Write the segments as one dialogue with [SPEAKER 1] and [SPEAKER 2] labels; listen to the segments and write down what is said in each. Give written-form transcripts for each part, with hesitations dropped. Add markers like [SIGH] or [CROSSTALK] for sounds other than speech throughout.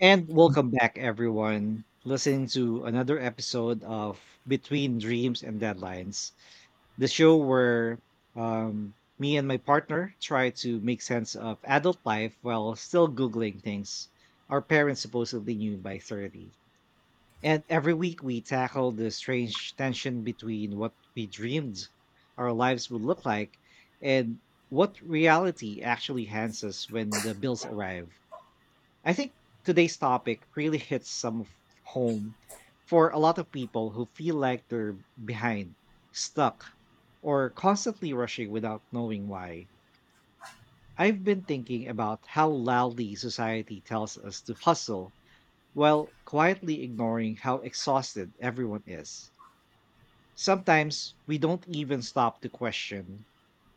[SPEAKER 1] And welcome back, everyone, listening to another episode of Between Dreams and Deadlines, the show where um, me and my partner try to make sense of adult life while still Googling things our parents supposedly knew by 30. And every week we tackle the strange tension between what we dreamed our lives would look like and what reality actually hands us when the bills arrive. I think today's topic really hits home for a lot of people who feel like they're behind, stuck, or constantly rushing without knowing why. I've been thinking about how loudly society tells us to hustle while quietly ignoring how exhausted everyone is. Sometimes we don't even stop to question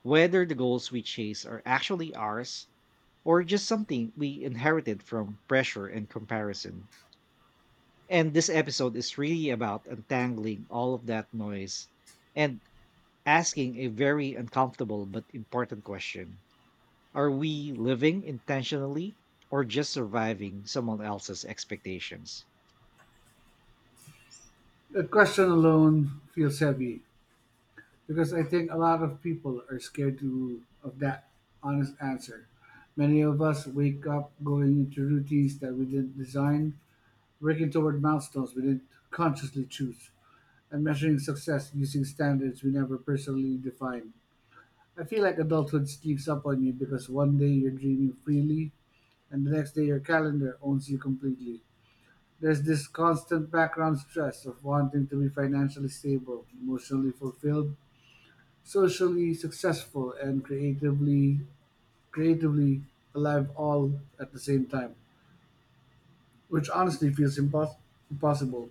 [SPEAKER 1] whether the goals we chase are actually ours or just something we inherited from pressure and comparison. And this episode is really about untangling all of that noise and asking a very uncomfortable but important question. Are we living intentionally or just surviving someone else's expectations?
[SPEAKER 2] The question alone feels heavy because I think a lot of people are scared to of that honest answer. Many of us wake up going into routines that we didn't design, working toward milestones we didn't consciously choose, and measuring success using standards we never personally defined. I feel like adulthood sneaks up on you because one day you're dreaming freely and the next day your calendar owns you completely. There's this constant background stress of wanting to be financially stable, emotionally fulfilled, socially successful, and creatively alive all at the same time, which honestly feels impossible.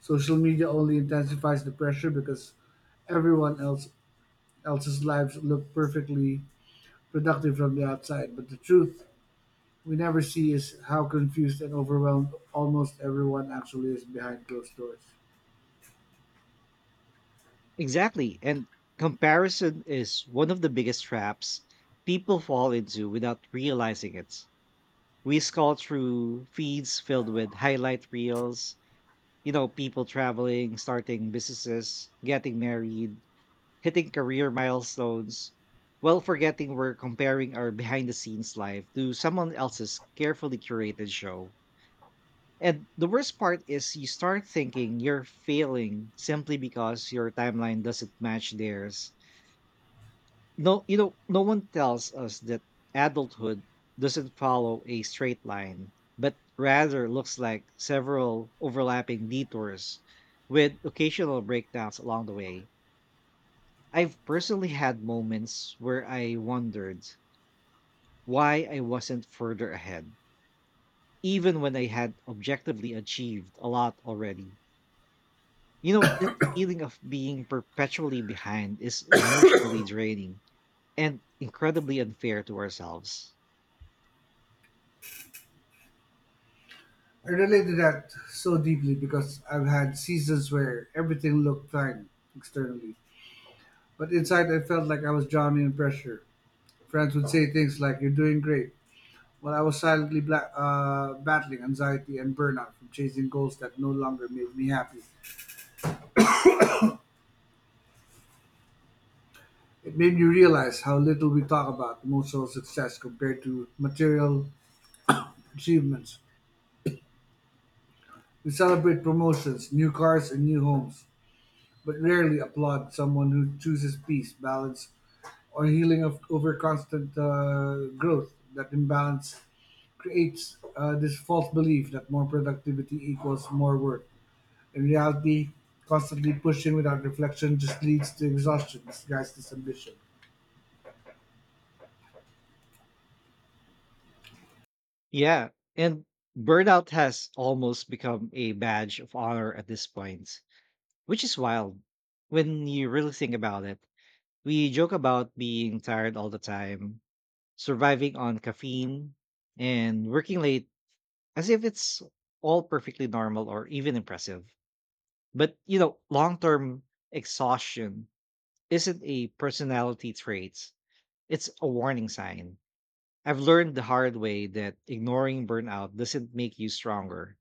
[SPEAKER 2] Social media only intensifies the pressure because everyone else's lives look perfectly productive from the outside, but the truth we never see is how confused and overwhelmed almost everyone actually is behind closed doors.
[SPEAKER 1] Exactly. And comparison is one of the biggest traps people fall into without realizing it. We scroll through feeds filled with highlight reels, you know, people traveling, starting businesses, getting married, hitting career milestones, while forgetting we're comparing our behind the scenes life to someone else's carefully curated show. And the worst part is you start thinking you're failing simply because your timeline doesn't match theirs. No, no one tells us that adulthood doesn't follow a straight line, but rather looks like several overlapping detours with occasional breakdowns along the way. I've personally had moments where I wondered why I wasn't further ahead, even when I had objectively achieved a lot already. You know, that feeling of being perpetually behind is emotionally draining and incredibly unfair to ourselves.
[SPEAKER 2] I relate to that so deeply because I've had seasons where everything looked fine externally, but inside I felt like I was drowning in pressure. Friends would say things like, "You're doing great," while I was silently battling anxiety and burnout from chasing goals that no longer made me happy. It made me realize how little we talk about emotional success compared to material achievements. We celebrate promotions, new cars, and new homes, but rarely applaud someone who chooses peace, balance, or healing of over constant growth. That imbalance creates this false belief that more productivity equals more work. In reality, constantly pushing without reflection just leads to exhaustion, disguised as ambition.
[SPEAKER 1] Yeah. And burnout has almost become a badge of honor at this point, which is wild when you really think about it. We joke about being tired all the time, surviving on caffeine, and working late as if it's all perfectly normal or even impressive. But, you know, long term exhaustion isn't a personality trait, it's a warning sign. I've learned the hard way that ignoring burnout doesn't make you stronger.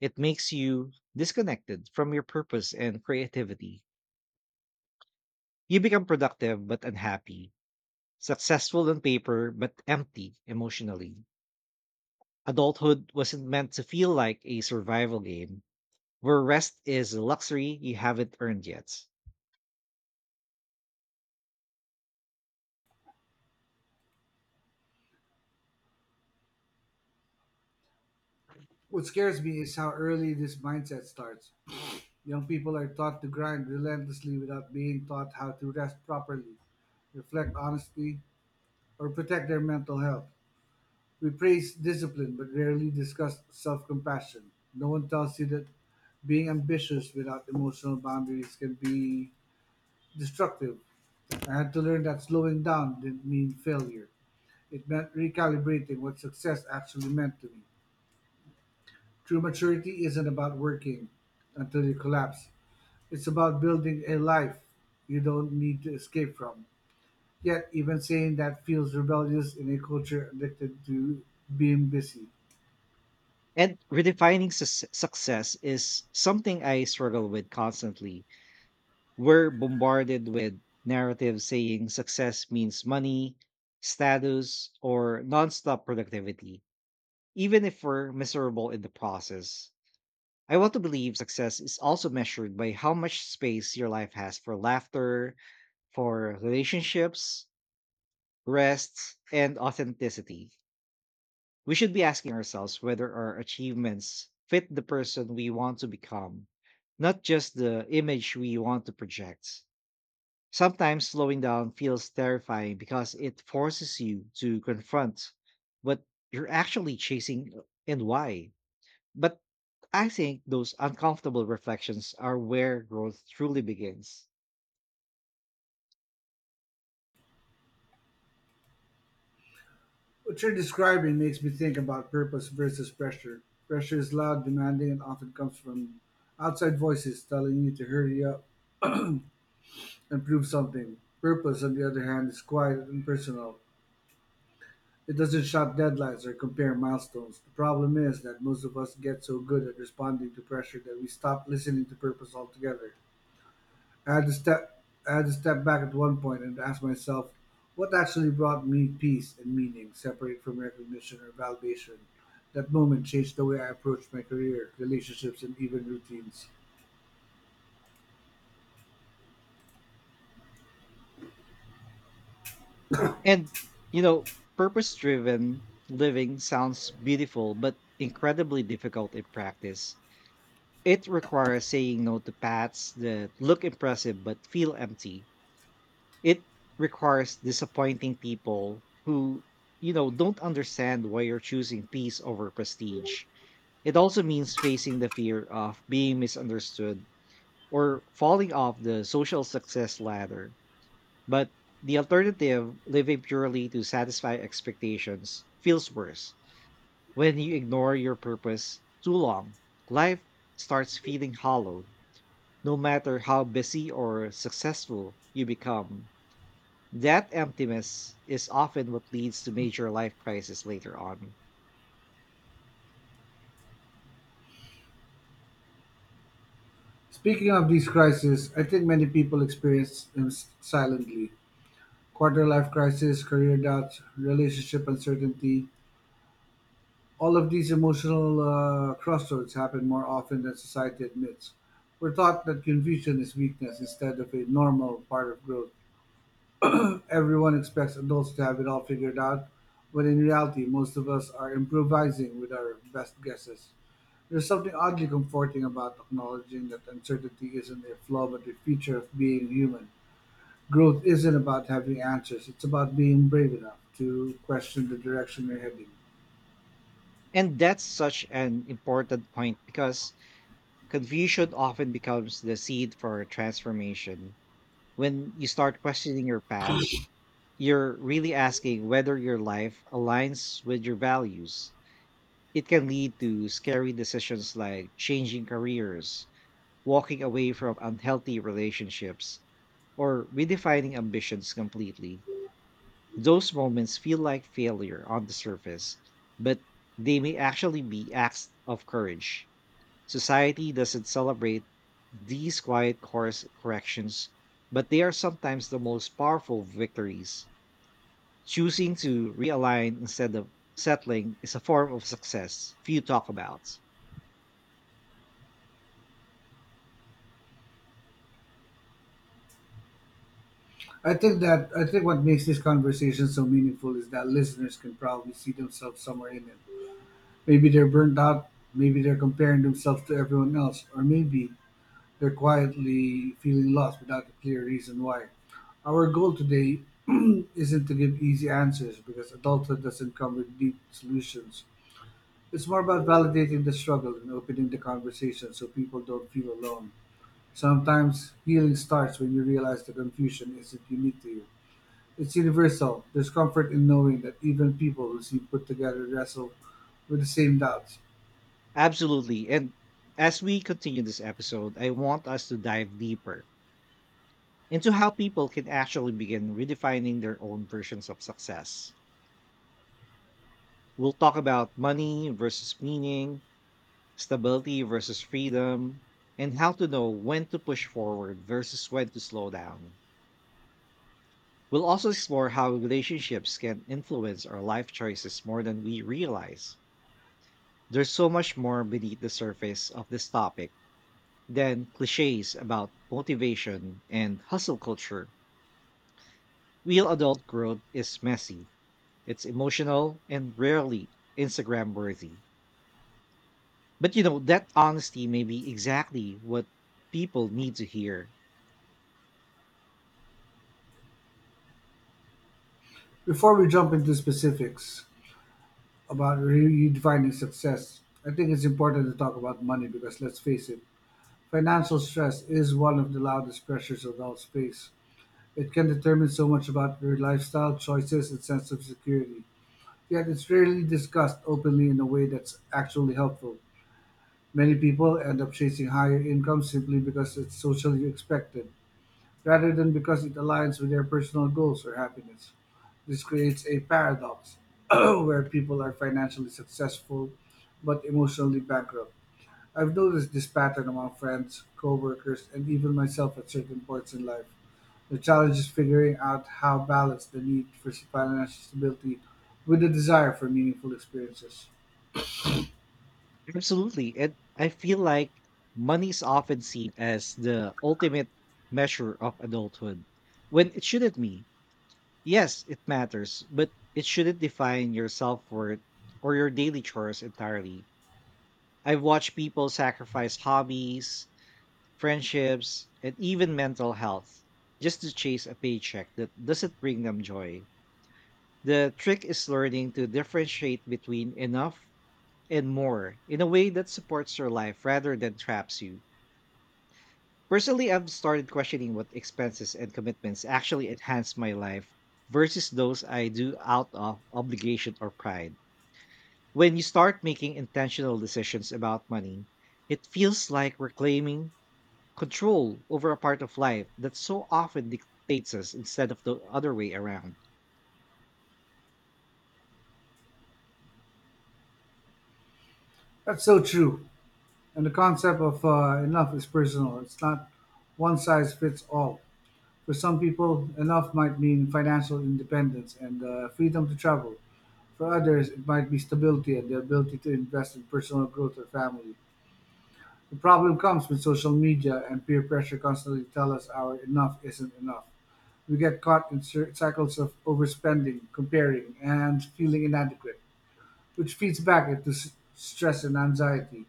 [SPEAKER 1] It makes you disconnected from your purpose and creativity. You become productive but unhappy, successful on paper but empty emotionally. Adulthood wasn't meant to feel like a survival game where rest is a luxury you haven't earned yet.
[SPEAKER 2] What scares me is how early this mindset starts. Young people are taught to grind relentlessly without being taught how to rest properly, reflect honestly, or protect their mental health. We praise discipline but rarely discuss self compassion. No one tells you that being ambitious without emotional boundaries can be destructive. I had to learn that slowing down didn't mean failure, it meant recalibrating what success actually meant to me. True maturity isn't about working until you collapse, it's about building a life you don't need to escape from. Yet, even saying that feels rebellious in a culture addicted to being busy.
[SPEAKER 1] And success is something I struggle with constantly. We're bombarded with narratives saying success means money, status, or nonstop productivity, even if we're miserable in the process. I want to believe success is also measured by how much space your life has for laughter, for relationships, rests, and authenticity. We should be asking ourselves whether our achievements fit the person we want to become, not just the image we want to project. Sometimes slowing down feels terrifying because it forces you to confront what you're actually chasing and why. But I think those uncomfortable reflections are where growth truly begins.
[SPEAKER 2] What you're describing makes me think about purpose versus pressure. Pressure is loud, demanding, and often comes from outside voices telling you to hurry up and prove something. Purpose, on the other hand, is quiet and personal. It doesn't shout deadlines or compare milestones. The problem is that most of us get so good at responding to pressure that we stop listening to purpose altogether. I had to step I had to step back at one point and ask myself what actually brought me peace and meaning separate from recognition or validation. That moment changed the way I approached my career, relationships, and even routines.
[SPEAKER 1] And you know, purpose driven living sounds beautiful, but incredibly difficult in practice. It requires saying no to paths that look impressive but feel empty. It requires disappointing people who, you know, don't understand why you're choosing peace over prestige. It also means facing the fear of being misunderstood or falling off the social success ladder, but the alternative, living purely to satisfy expectations, feels worse. When you ignore your purpose too long, life starts feeling hollow, no matter how busy or successful you become. That emptiness is often what leads to major life crises later on.
[SPEAKER 2] Speaking of these crises, I think many people experience them silently. Quarter life crisis, career doubts, relationship uncertainty. All of these emotional crossroads happen more often than society admits. We're taught that confusion is weakness instead of a normal part of growth. Everyone expects adults to have it all figured out, when in reality, most of us are improvising with our best guesses. There's something oddly comforting about acknowledging that uncertainty isn't a flaw but a feature of being human. Growth isn't about having answers, it's about being brave enough to question the direction you're heading.
[SPEAKER 1] And that's such an important point because confusion often becomes the seed for transformation. When you start questioning your path, you're really asking whether your life aligns with your values. It can lead to scary decisions like changing careers, walking away from unhealthy relationships, or redefining ambitions completely. Those moments feel like failure on the surface, but they may actually be acts of courage. Society doesn't celebrate these quiet course corrections, but they are sometimes the most powerful victories. Choosing to realign instead of settling is a form of success few talk about.
[SPEAKER 2] I think what makes this conversation so meaningful is that listeners can probably see themselves somewhere in it. Maybe they're burnt out, maybe they're comparing themselves to everyone else, or maybe they're quietly feeling lost without a clear reason why. Our goal today [CLEARS THROAT] isn't to give easy answers because adulthood doesn't come with neat solutions. It's more about validating the struggle and opening the conversation so people don't feel alone. Sometimes healing starts when you realize the confusion isn't unique to you. It's universal. There's comfort in knowing that even people who seem put together wrestle with the same doubts.
[SPEAKER 1] Absolutely. And as we continue this episode, I want us to dive deeper into how people can actually begin redefining their own versions of success. We'll talk about money versus meaning, stability versus freedom, and how to know when to push forward versus when to slow down. We'll also explore how relationships can influence our life choices more than we realize. There's so much more beneath the surface of this topic than cliches about motivation and hustle culture. Real adult growth is messy, it's emotional, and rarely Instagram worthy. But you know, that honesty may be exactly what people need to hear.
[SPEAKER 2] Before we jump into specifics about redefining success, I think it's important to talk about money because let's face it, financial stress is one of the loudest pressures of all space. It can determine so much about your lifestyle, choices, and sense of security. Yet it's rarely discussed openly in a way that's actually helpful. Many people end up chasing higher incomes simply because it's socially expected rather than because it aligns with their personal goals or happiness. This creates a paradox [CLEARS THROAT] where people are financially successful but emotionally bankrupt. I've noticed this pattern among friends, coworkers, and even myself at certain points in life. The challenge is figuring out how balance the need for financial stability with the desire for meaningful experiences.
[SPEAKER 1] Absolutely. And I feel like money is often seen as the ultimate measure of adulthood when it shouldn't be. Yes, it matters, but it shouldn't define your self worth or your daily chores entirely. I've watched people sacrifice hobbies, friendships, and even mental health just to chase a paycheck that doesn't bring them joy. The trick is learning to differentiate between enough and more in a way that supports your life rather than traps you. Personally, I've started questioning what expenses and commitments actually enhance my life versus those I do out of obligation or pride. When you start making intentional decisions about money, it feels like reclaiming control over a part of life that so often dictates us instead of the other way around.
[SPEAKER 2] That's so true. And the concept of enough is personal. It's not one size fits all. For some people, enough might mean financial independence and freedom to travel. For others, it might be stability and the ability to invest in personal growth or family. The problem comes when social media and peer pressure constantly tell us our enough isn't enough. We get caught in cycles of overspending, comparing, and feeling inadequate, which feeds back into stress and anxiety.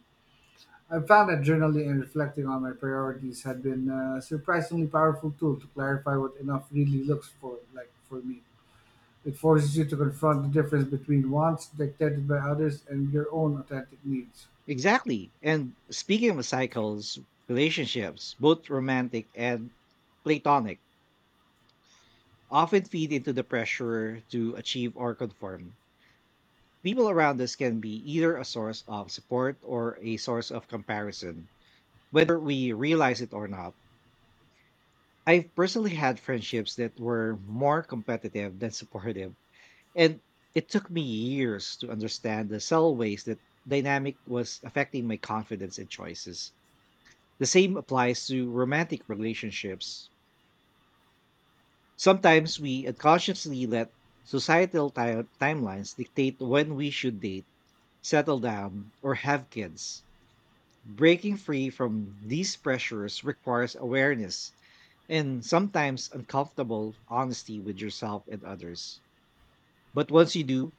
[SPEAKER 2] I found that journaling and reflecting on my priorities had been a surprisingly powerful tool to clarify what enough really looks for like for me. It forces you to confront the difference between wants dictated by others and your own authentic needs.
[SPEAKER 1] Exactly. And speaking of cycles, relationships, both romantic and platonic, often feed into the pressure to achieve or conform. People around us can be either a source of support or a source of comparison, whether we realize it or not. I've personally had friendships that were more competitive than supportive, and it took me years to understand the subtle ways that dynamic was affecting my confidence and choices. The same applies to romantic relationships. Sometimes we unconsciously let timelines dictate when we should date, settle down, or have kids. Breaking free from these pressures requires awareness and sometimes uncomfortable honesty with yourself and others. But once you do,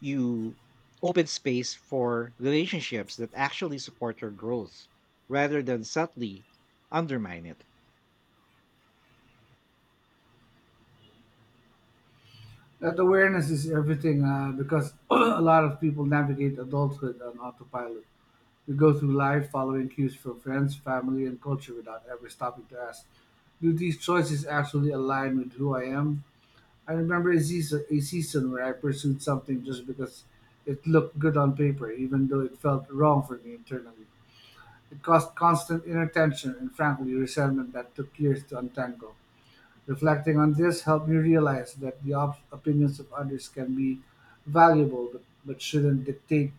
[SPEAKER 1] you open space for relationships that actually support your growth rather than subtly undermine it.
[SPEAKER 2] That awareness is everything because [CLEARS THROAT] a lot of people navigate adulthood on autopilot. We go through life following cues from friends, family, and culture without ever stopping to ask, do these choices actually align with who I am? I remember a season where I pursued something just because it looked good on paper, even though it felt wrong for me internally. It caused constant inner tension and, frankly, resentment that took years to untangle. Reflecting on this helped me realize that the opinions of others can be valuable but shouldn't dictate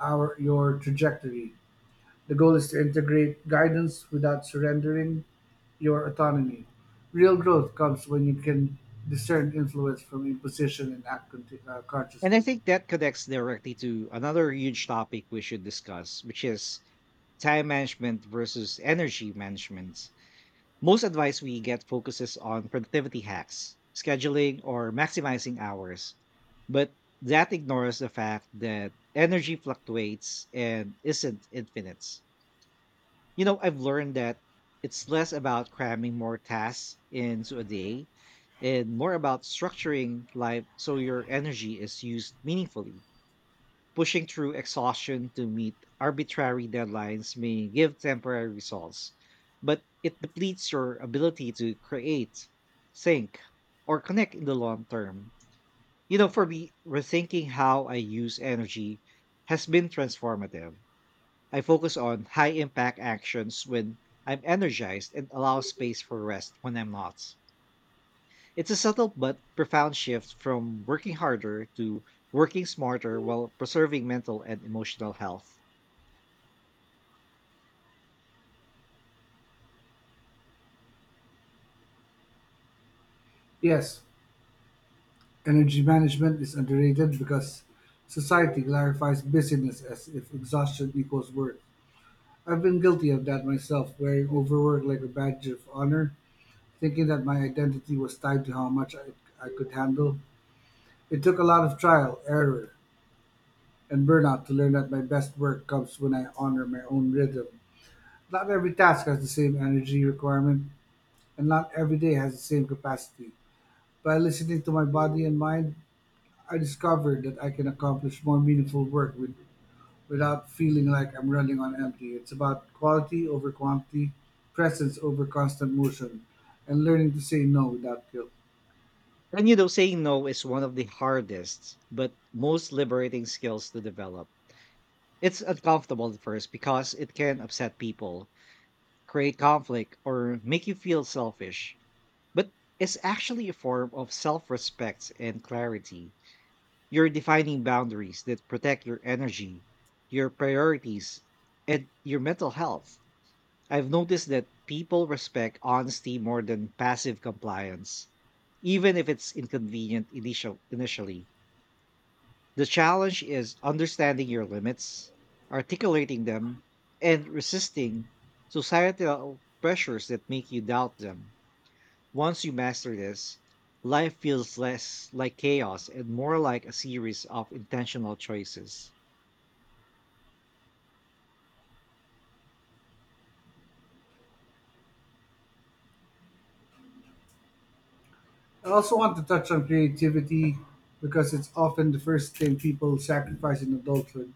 [SPEAKER 2] our your trajectory. The goal is to integrate guidance without surrendering your autonomy. Real growth comes when you can discern influence from imposition and act
[SPEAKER 1] And I
[SPEAKER 2] consciously.
[SPEAKER 1] think that connects directly to another huge topic we should discuss, which is time management versus energy management. Most advice we get focuses on productivity hacks, scheduling, or maximizing hours, but that ignores the fact that energy fluctuates and isn't infinite. You know, I've learned that it's less about cramming more tasks into a day and more about structuring life so your energy is used meaningfully. Pushing through exhaustion to meet arbitrary deadlines may give temporary results, but it depletes your ability to create, think, or connect in the long term. You know, for me, rethinking how I use energy has been transformative. I focus on high impact actions when I'm energized and allow space for rest when I'm not. It's a subtle but profound shift from working harder to working smarter while preserving mental and emotional health.
[SPEAKER 2] Yes, energy management is underrated because society glorifies busyness as if exhaustion equals worth. I've been guilty of that myself, wearing overwork like a badge of honor, thinking that my identity was tied to how much I could handle. It took a lot of trial, error, and burnout to learn that my best work comes when I honor my own rhythm. Not every task has the same energy requirement, and not every day has the same capacity. By listening to my body and mind, I discovered that I can accomplish more meaningful work without feeling like I'm running on empty. It's about quality over quantity, presence over constant motion, and learning to say no without guilt.
[SPEAKER 1] And you know, saying no is one of the hardest but most liberating skills to develop. It's uncomfortable at first because it can upset people, create conflict, or make you feel selfish. But it's actually a form of self respect and clarity. You're defining boundaries that protect your energy, your priorities, and your mental health. I've noticed that people respect honesty more than passive compliance, even if it's inconvenient initially. The challenge is understanding your limits, articulating them, and resisting societal pressures that make you doubt them. Once you master this, life feels less like chaos and more like a series of intentional choices.
[SPEAKER 2] I also want to touch on creativity because it's often the first thing people sacrifice in adulthood.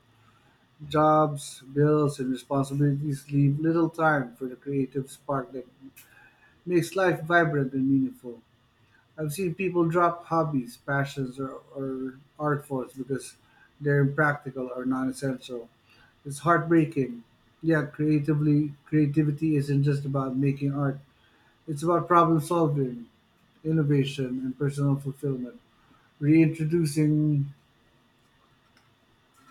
[SPEAKER 2] Jobs, bills, and responsibilities leave little time for the creative spark that makes life vibrant and meaningful. I've seen people drop hobbies, passions, or art forms because they're impractical or non-essential. It's heartbreaking. Yet, creativity isn't just about making art. It's about problem solving, innovation, and personal fulfillment. Reintroducing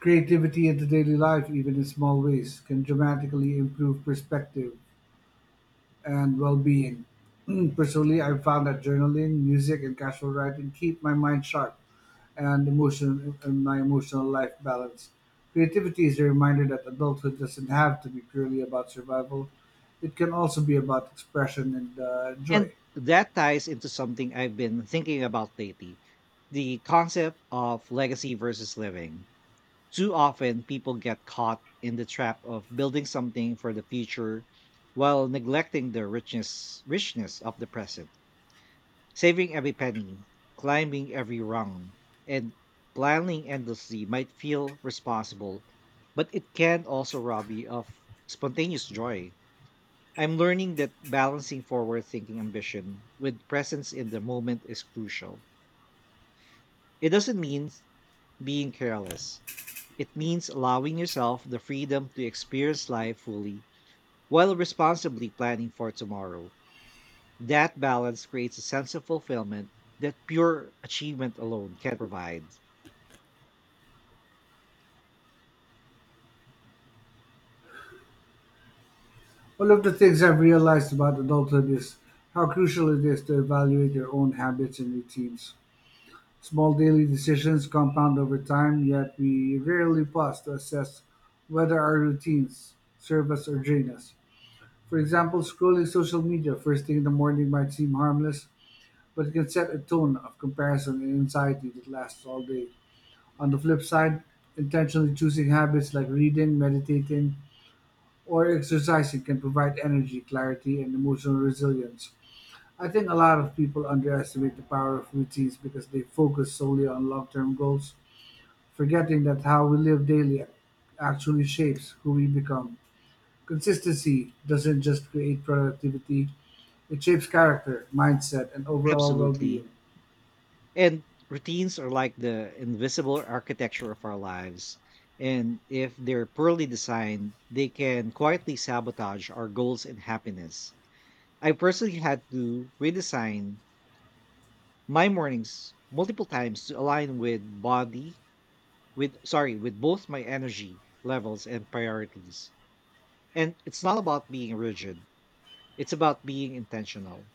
[SPEAKER 2] creativity into daily life, even in small ways, can dramatically improve perspective and well-being. [CLEARS THROAT] Personally, I've found that journaling, music, and casual writing keep my mind sharp and emotion and my emotional life balanced. Creativity is a reminder that adulthood doesn't have to be purely about survival. It can also be about expression and joy.
[SPEAKER 1] And that ties into something I've been thinking about lately, the concept of legacy versus living. Too often, people get caught in the trap of building something for the future while neglecting the richness of the present. Saving every penny, climbing every rung, and planning endlessly might feel responsible, but it can also rob you of spontaneous joy. I'm learning that balancing forward thinking ambition with presence in the moment is crucial. It doesn't mean being careless. It means allowing yourself the freedom to experience life fully while responsibly planning for tomorrow. That balance creates a sense of fulfillment that pure achievement alone can provide.
[SPEAKER 2] One of the things I've realized about adulthood is how crucial it is to evaluate your own habits and routines. Small daily decisions compound over time, yet we rarely pause to assess whether our routines serve us or drain us. For example, scrolling social media first thing in the morning might seem harmless, but it can set a tone of comparison and anxiety that lasts all day. On the flip side, intentionally choosing habits like reading, meditating, or exercising can provide energy, clarity, and emotional resilience. I think a lot of people underestimate the power of routines because they focus solely on long term goals, forgetting that how we live daily actually shapes who we become. Consistency doesn't just create productivity, it shapes character, mindset, and overall well
[SPEAKER 1] Absolutely.
[SPEAKER 2] being.
[SPEAKER 1] And routines are like the invisible architecture of our lives. And if they're poorly designed, they can quietly sabotage our goals and happiness. I personally had to redesign my mornings multiple times to align with body, with sorry with both my energy levels and priorities. And it's not about being rigid, it's about being intentional.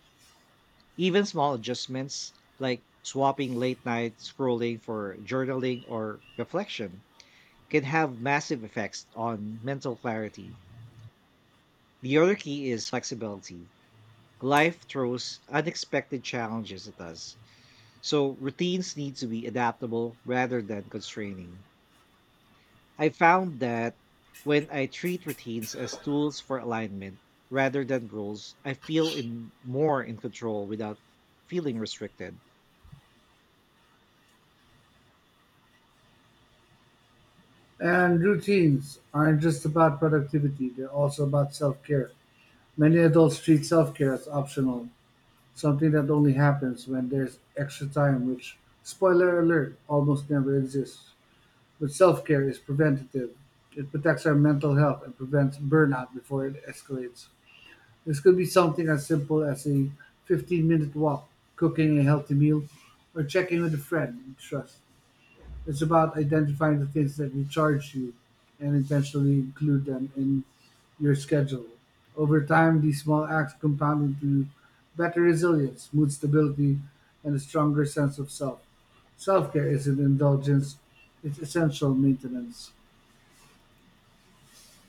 [SPEAKER 1] Even small adjustments like swapping late night scrolling for journaling or reflection can have massive effects on mental clarity. The other key is flexibility. Life throws unexpected challenges at us, so routines need to be adaptable rather than constraining. I found that when I treat routines as tools for alignment rather than rules, I feel in more in control without feeling restricted.
[SPEAKER 2] And routines aren't just about productivity, they're also about self care. Many adults treat self care as optional, something that only happens when there's extra time, which, spoiler alert, almost never exists. But self care is preventative, it protects our mental health and prevents burnout before it escalates. This could be something as simple as a 15-minute walk, cooking a healthy meal, or checking with a friend you trust. It's about identifying the things that recharge you and intentionally include them in your schedule. Over time, these small acts compound into better resilience, mood stability, and a stronger sense of self. Self care isn't indulgence, it's essential maintenance.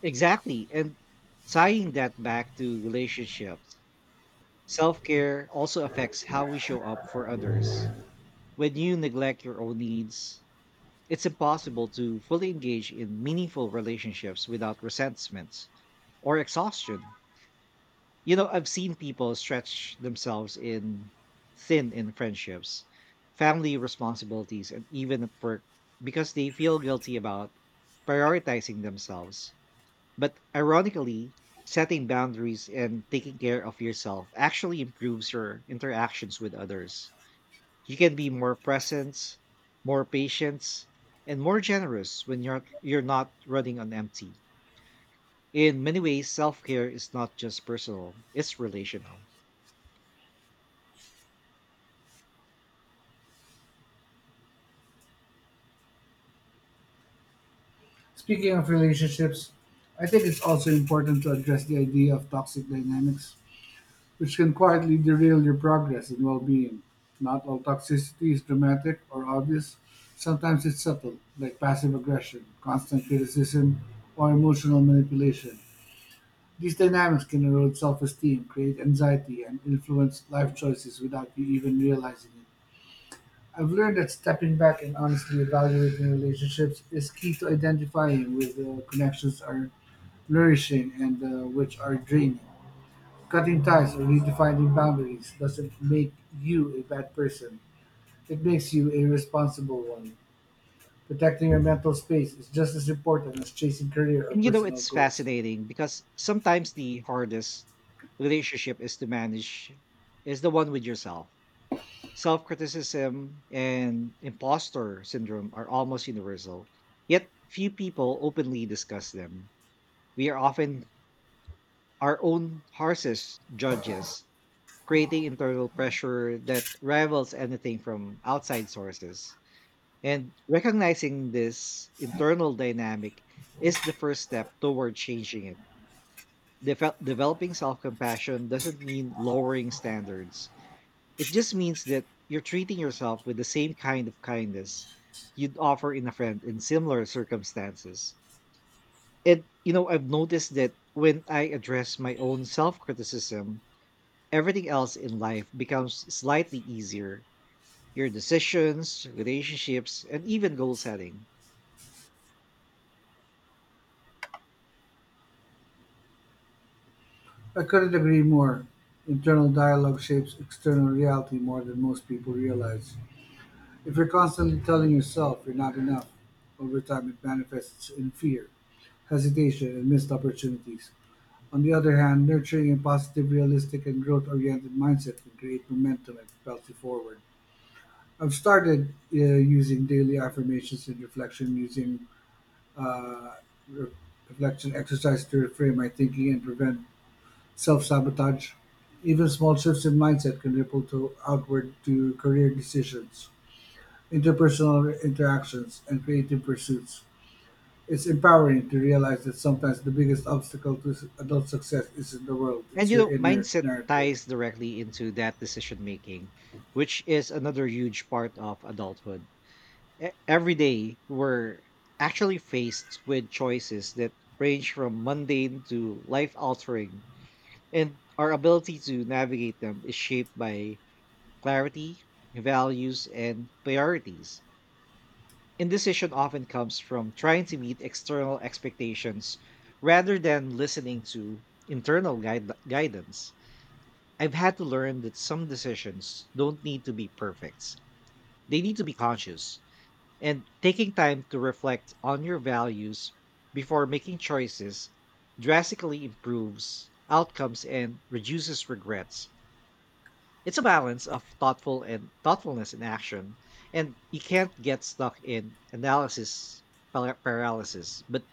[SPEAKER 1] Exactly. And tying that back to relationships, self care also affects how we show up for others. When you neglect your own needs, it's impossible to fully engage in meaningful relationships without resentments or exhaustion. You know, I've seen people stretch themselves in thin in friendships, family responsibilities, and even at work because they feel guilty about prioritizing themselves. But ironically, setting boundaries and taking care of yourself actually improves your interactions with others. You can be more present, more patient, and more generous when you're not running on empty. In many ways, self-care is not just personal, it's relational.
[SPEAKER 2] Speaking of relationships, I think it's also important to address the idea of toxic dynamics, which can quietly derail your progress and well-being. Not all toxicity is dramatic or obvious. Sometimes it's subtle, like passive aggression, constant criticism, or emotional manipulation. These dynamics can erode self-esteem, create anxiety, and influence life choices without you even realizing it. I've learned that stepping back and honestly evaluating relationships is key to identifying where the connections are nourishing and which are draining. Cutting ties or redefining boundaries doesn't make you a bad person. It makes you a responsible one. Protecting your mental space is just as important as chasing career or
[SPEAKER 1] And you know,
[SPEAKER 2] personal
[SPEAKER 1] it's
[SPEAKER 2] goals.
[SPEAKER 1] fascinating because sometimes the hardest relationship is to manage is the one with yourself. Self criticism and imposter syndrome are almost universal, yet few people openly discuss them. We are often our own harshest judges, creating internal pressure that rivals anything from outside sources. And recognizing this internal dynamic is the first step toward changing it. Developing self compassion doesn't mean lowering standards. It just means that you're treating yourself with the same kind of kindness you'd offer in a friend in similar circumstances. And, you know, I've noticed that when I address my own self criticism, everything else in life becomes slightly easier, your decisions, relationships, and even goal setting.
[SPEAKER 2] I couldn't agree more. Internal dialogue shapes external reality more than most people realize. If you're constantly telling yourself you're not enough, over time it manifests in fear, hesitation, and missed opportunities. On the other hand, nurturing a positive, realistic, and growth oriented mindset can create momentum and propels you forward. I've started using daily affirmations and reflection, using uh, re- reflection exercise to reframe my thinking and prevent self sabotage. Even small shifts in mindset can ripple to outward to career decisions, interpersonal interactions, and creative pursuits. It's empowering to realize that sometimes the biggest obstacle to adult success isn't the world,
[SPEAKER 1] And,
[SPEAKER 2] it's
[SPEAKER 1] you
[SPEAKER 2] your
[SPEAKER 1] know,
[SPEAKER 2] inner
[SPEAKER 1] mindset
[SPEAKER 2] narrative.
[SPEAKER 1] ties directly into that decision making, which is another huge part of adulthood. Every day we're actually faced with choices that range from mundane to life altering, and our ability to navigate them is shaped by clarity, values and priorities. Indecision often comes from trying to meet external expectations rather than listening to guidance. I've had to learn that some decisions don't need to be perfect, they need to be conscious. And taking time to reflect on your values before making choices drastically improves outcomes and reduces regrets. It's a balance of thoughtfulness in action, and you can't get stuck in paralysis, but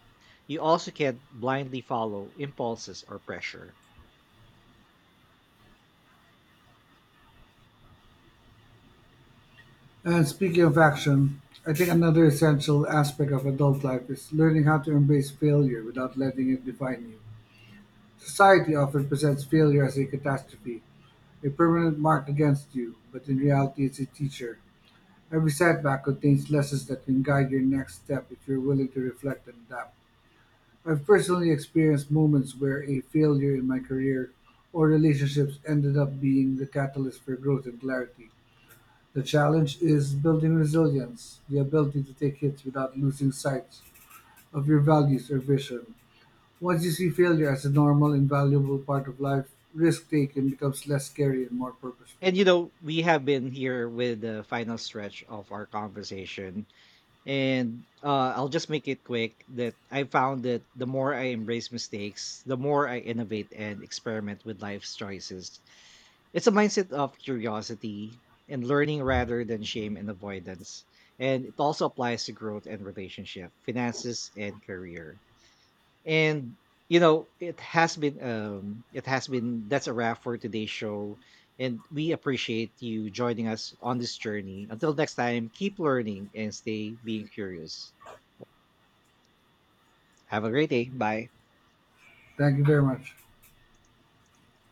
[SPEAKER 1] you also can't blindly follow impulses or pressure.
[SPEAKER 2] And speaking of action, I think another essential aspect of adult life is learning how to embrace failure without letting it define you. Society often presents failure as a catastrophe, a permanent mark against you, but in reality, it's a teacher. Every setback contains lessons that can guide your next step if you're willing to reflect and adapt. I've personally experienced moments where a failure in my career or relationships ended up being the catalyst for growth and clarity. The challenge is building resilience, the ability to take hits without losing sight of your values or vision. Once you see failure as a normal and valuable part of life, risk taking becomes less scary and more
[SPEAKER 1] And
[SPEAKER 2] purposeful.
[SPEAKER 1] you know, we have been here with the final stretch of our conversation. And I'll just make it quick that I found that the more I embrace mistakes, the more I innovate and experiment with life's choices. It's a mindset of curiosity and learning rather than shame and avoidance. And it also applies to growth and relationship, finances, and career. And you know, it has been that's a wrap for today's show, and we appreciate you joining us on this journey. Until next time, keep learning and stay being curious. Have a great day. Bye.
[SPEAKER 2] Thank you very much.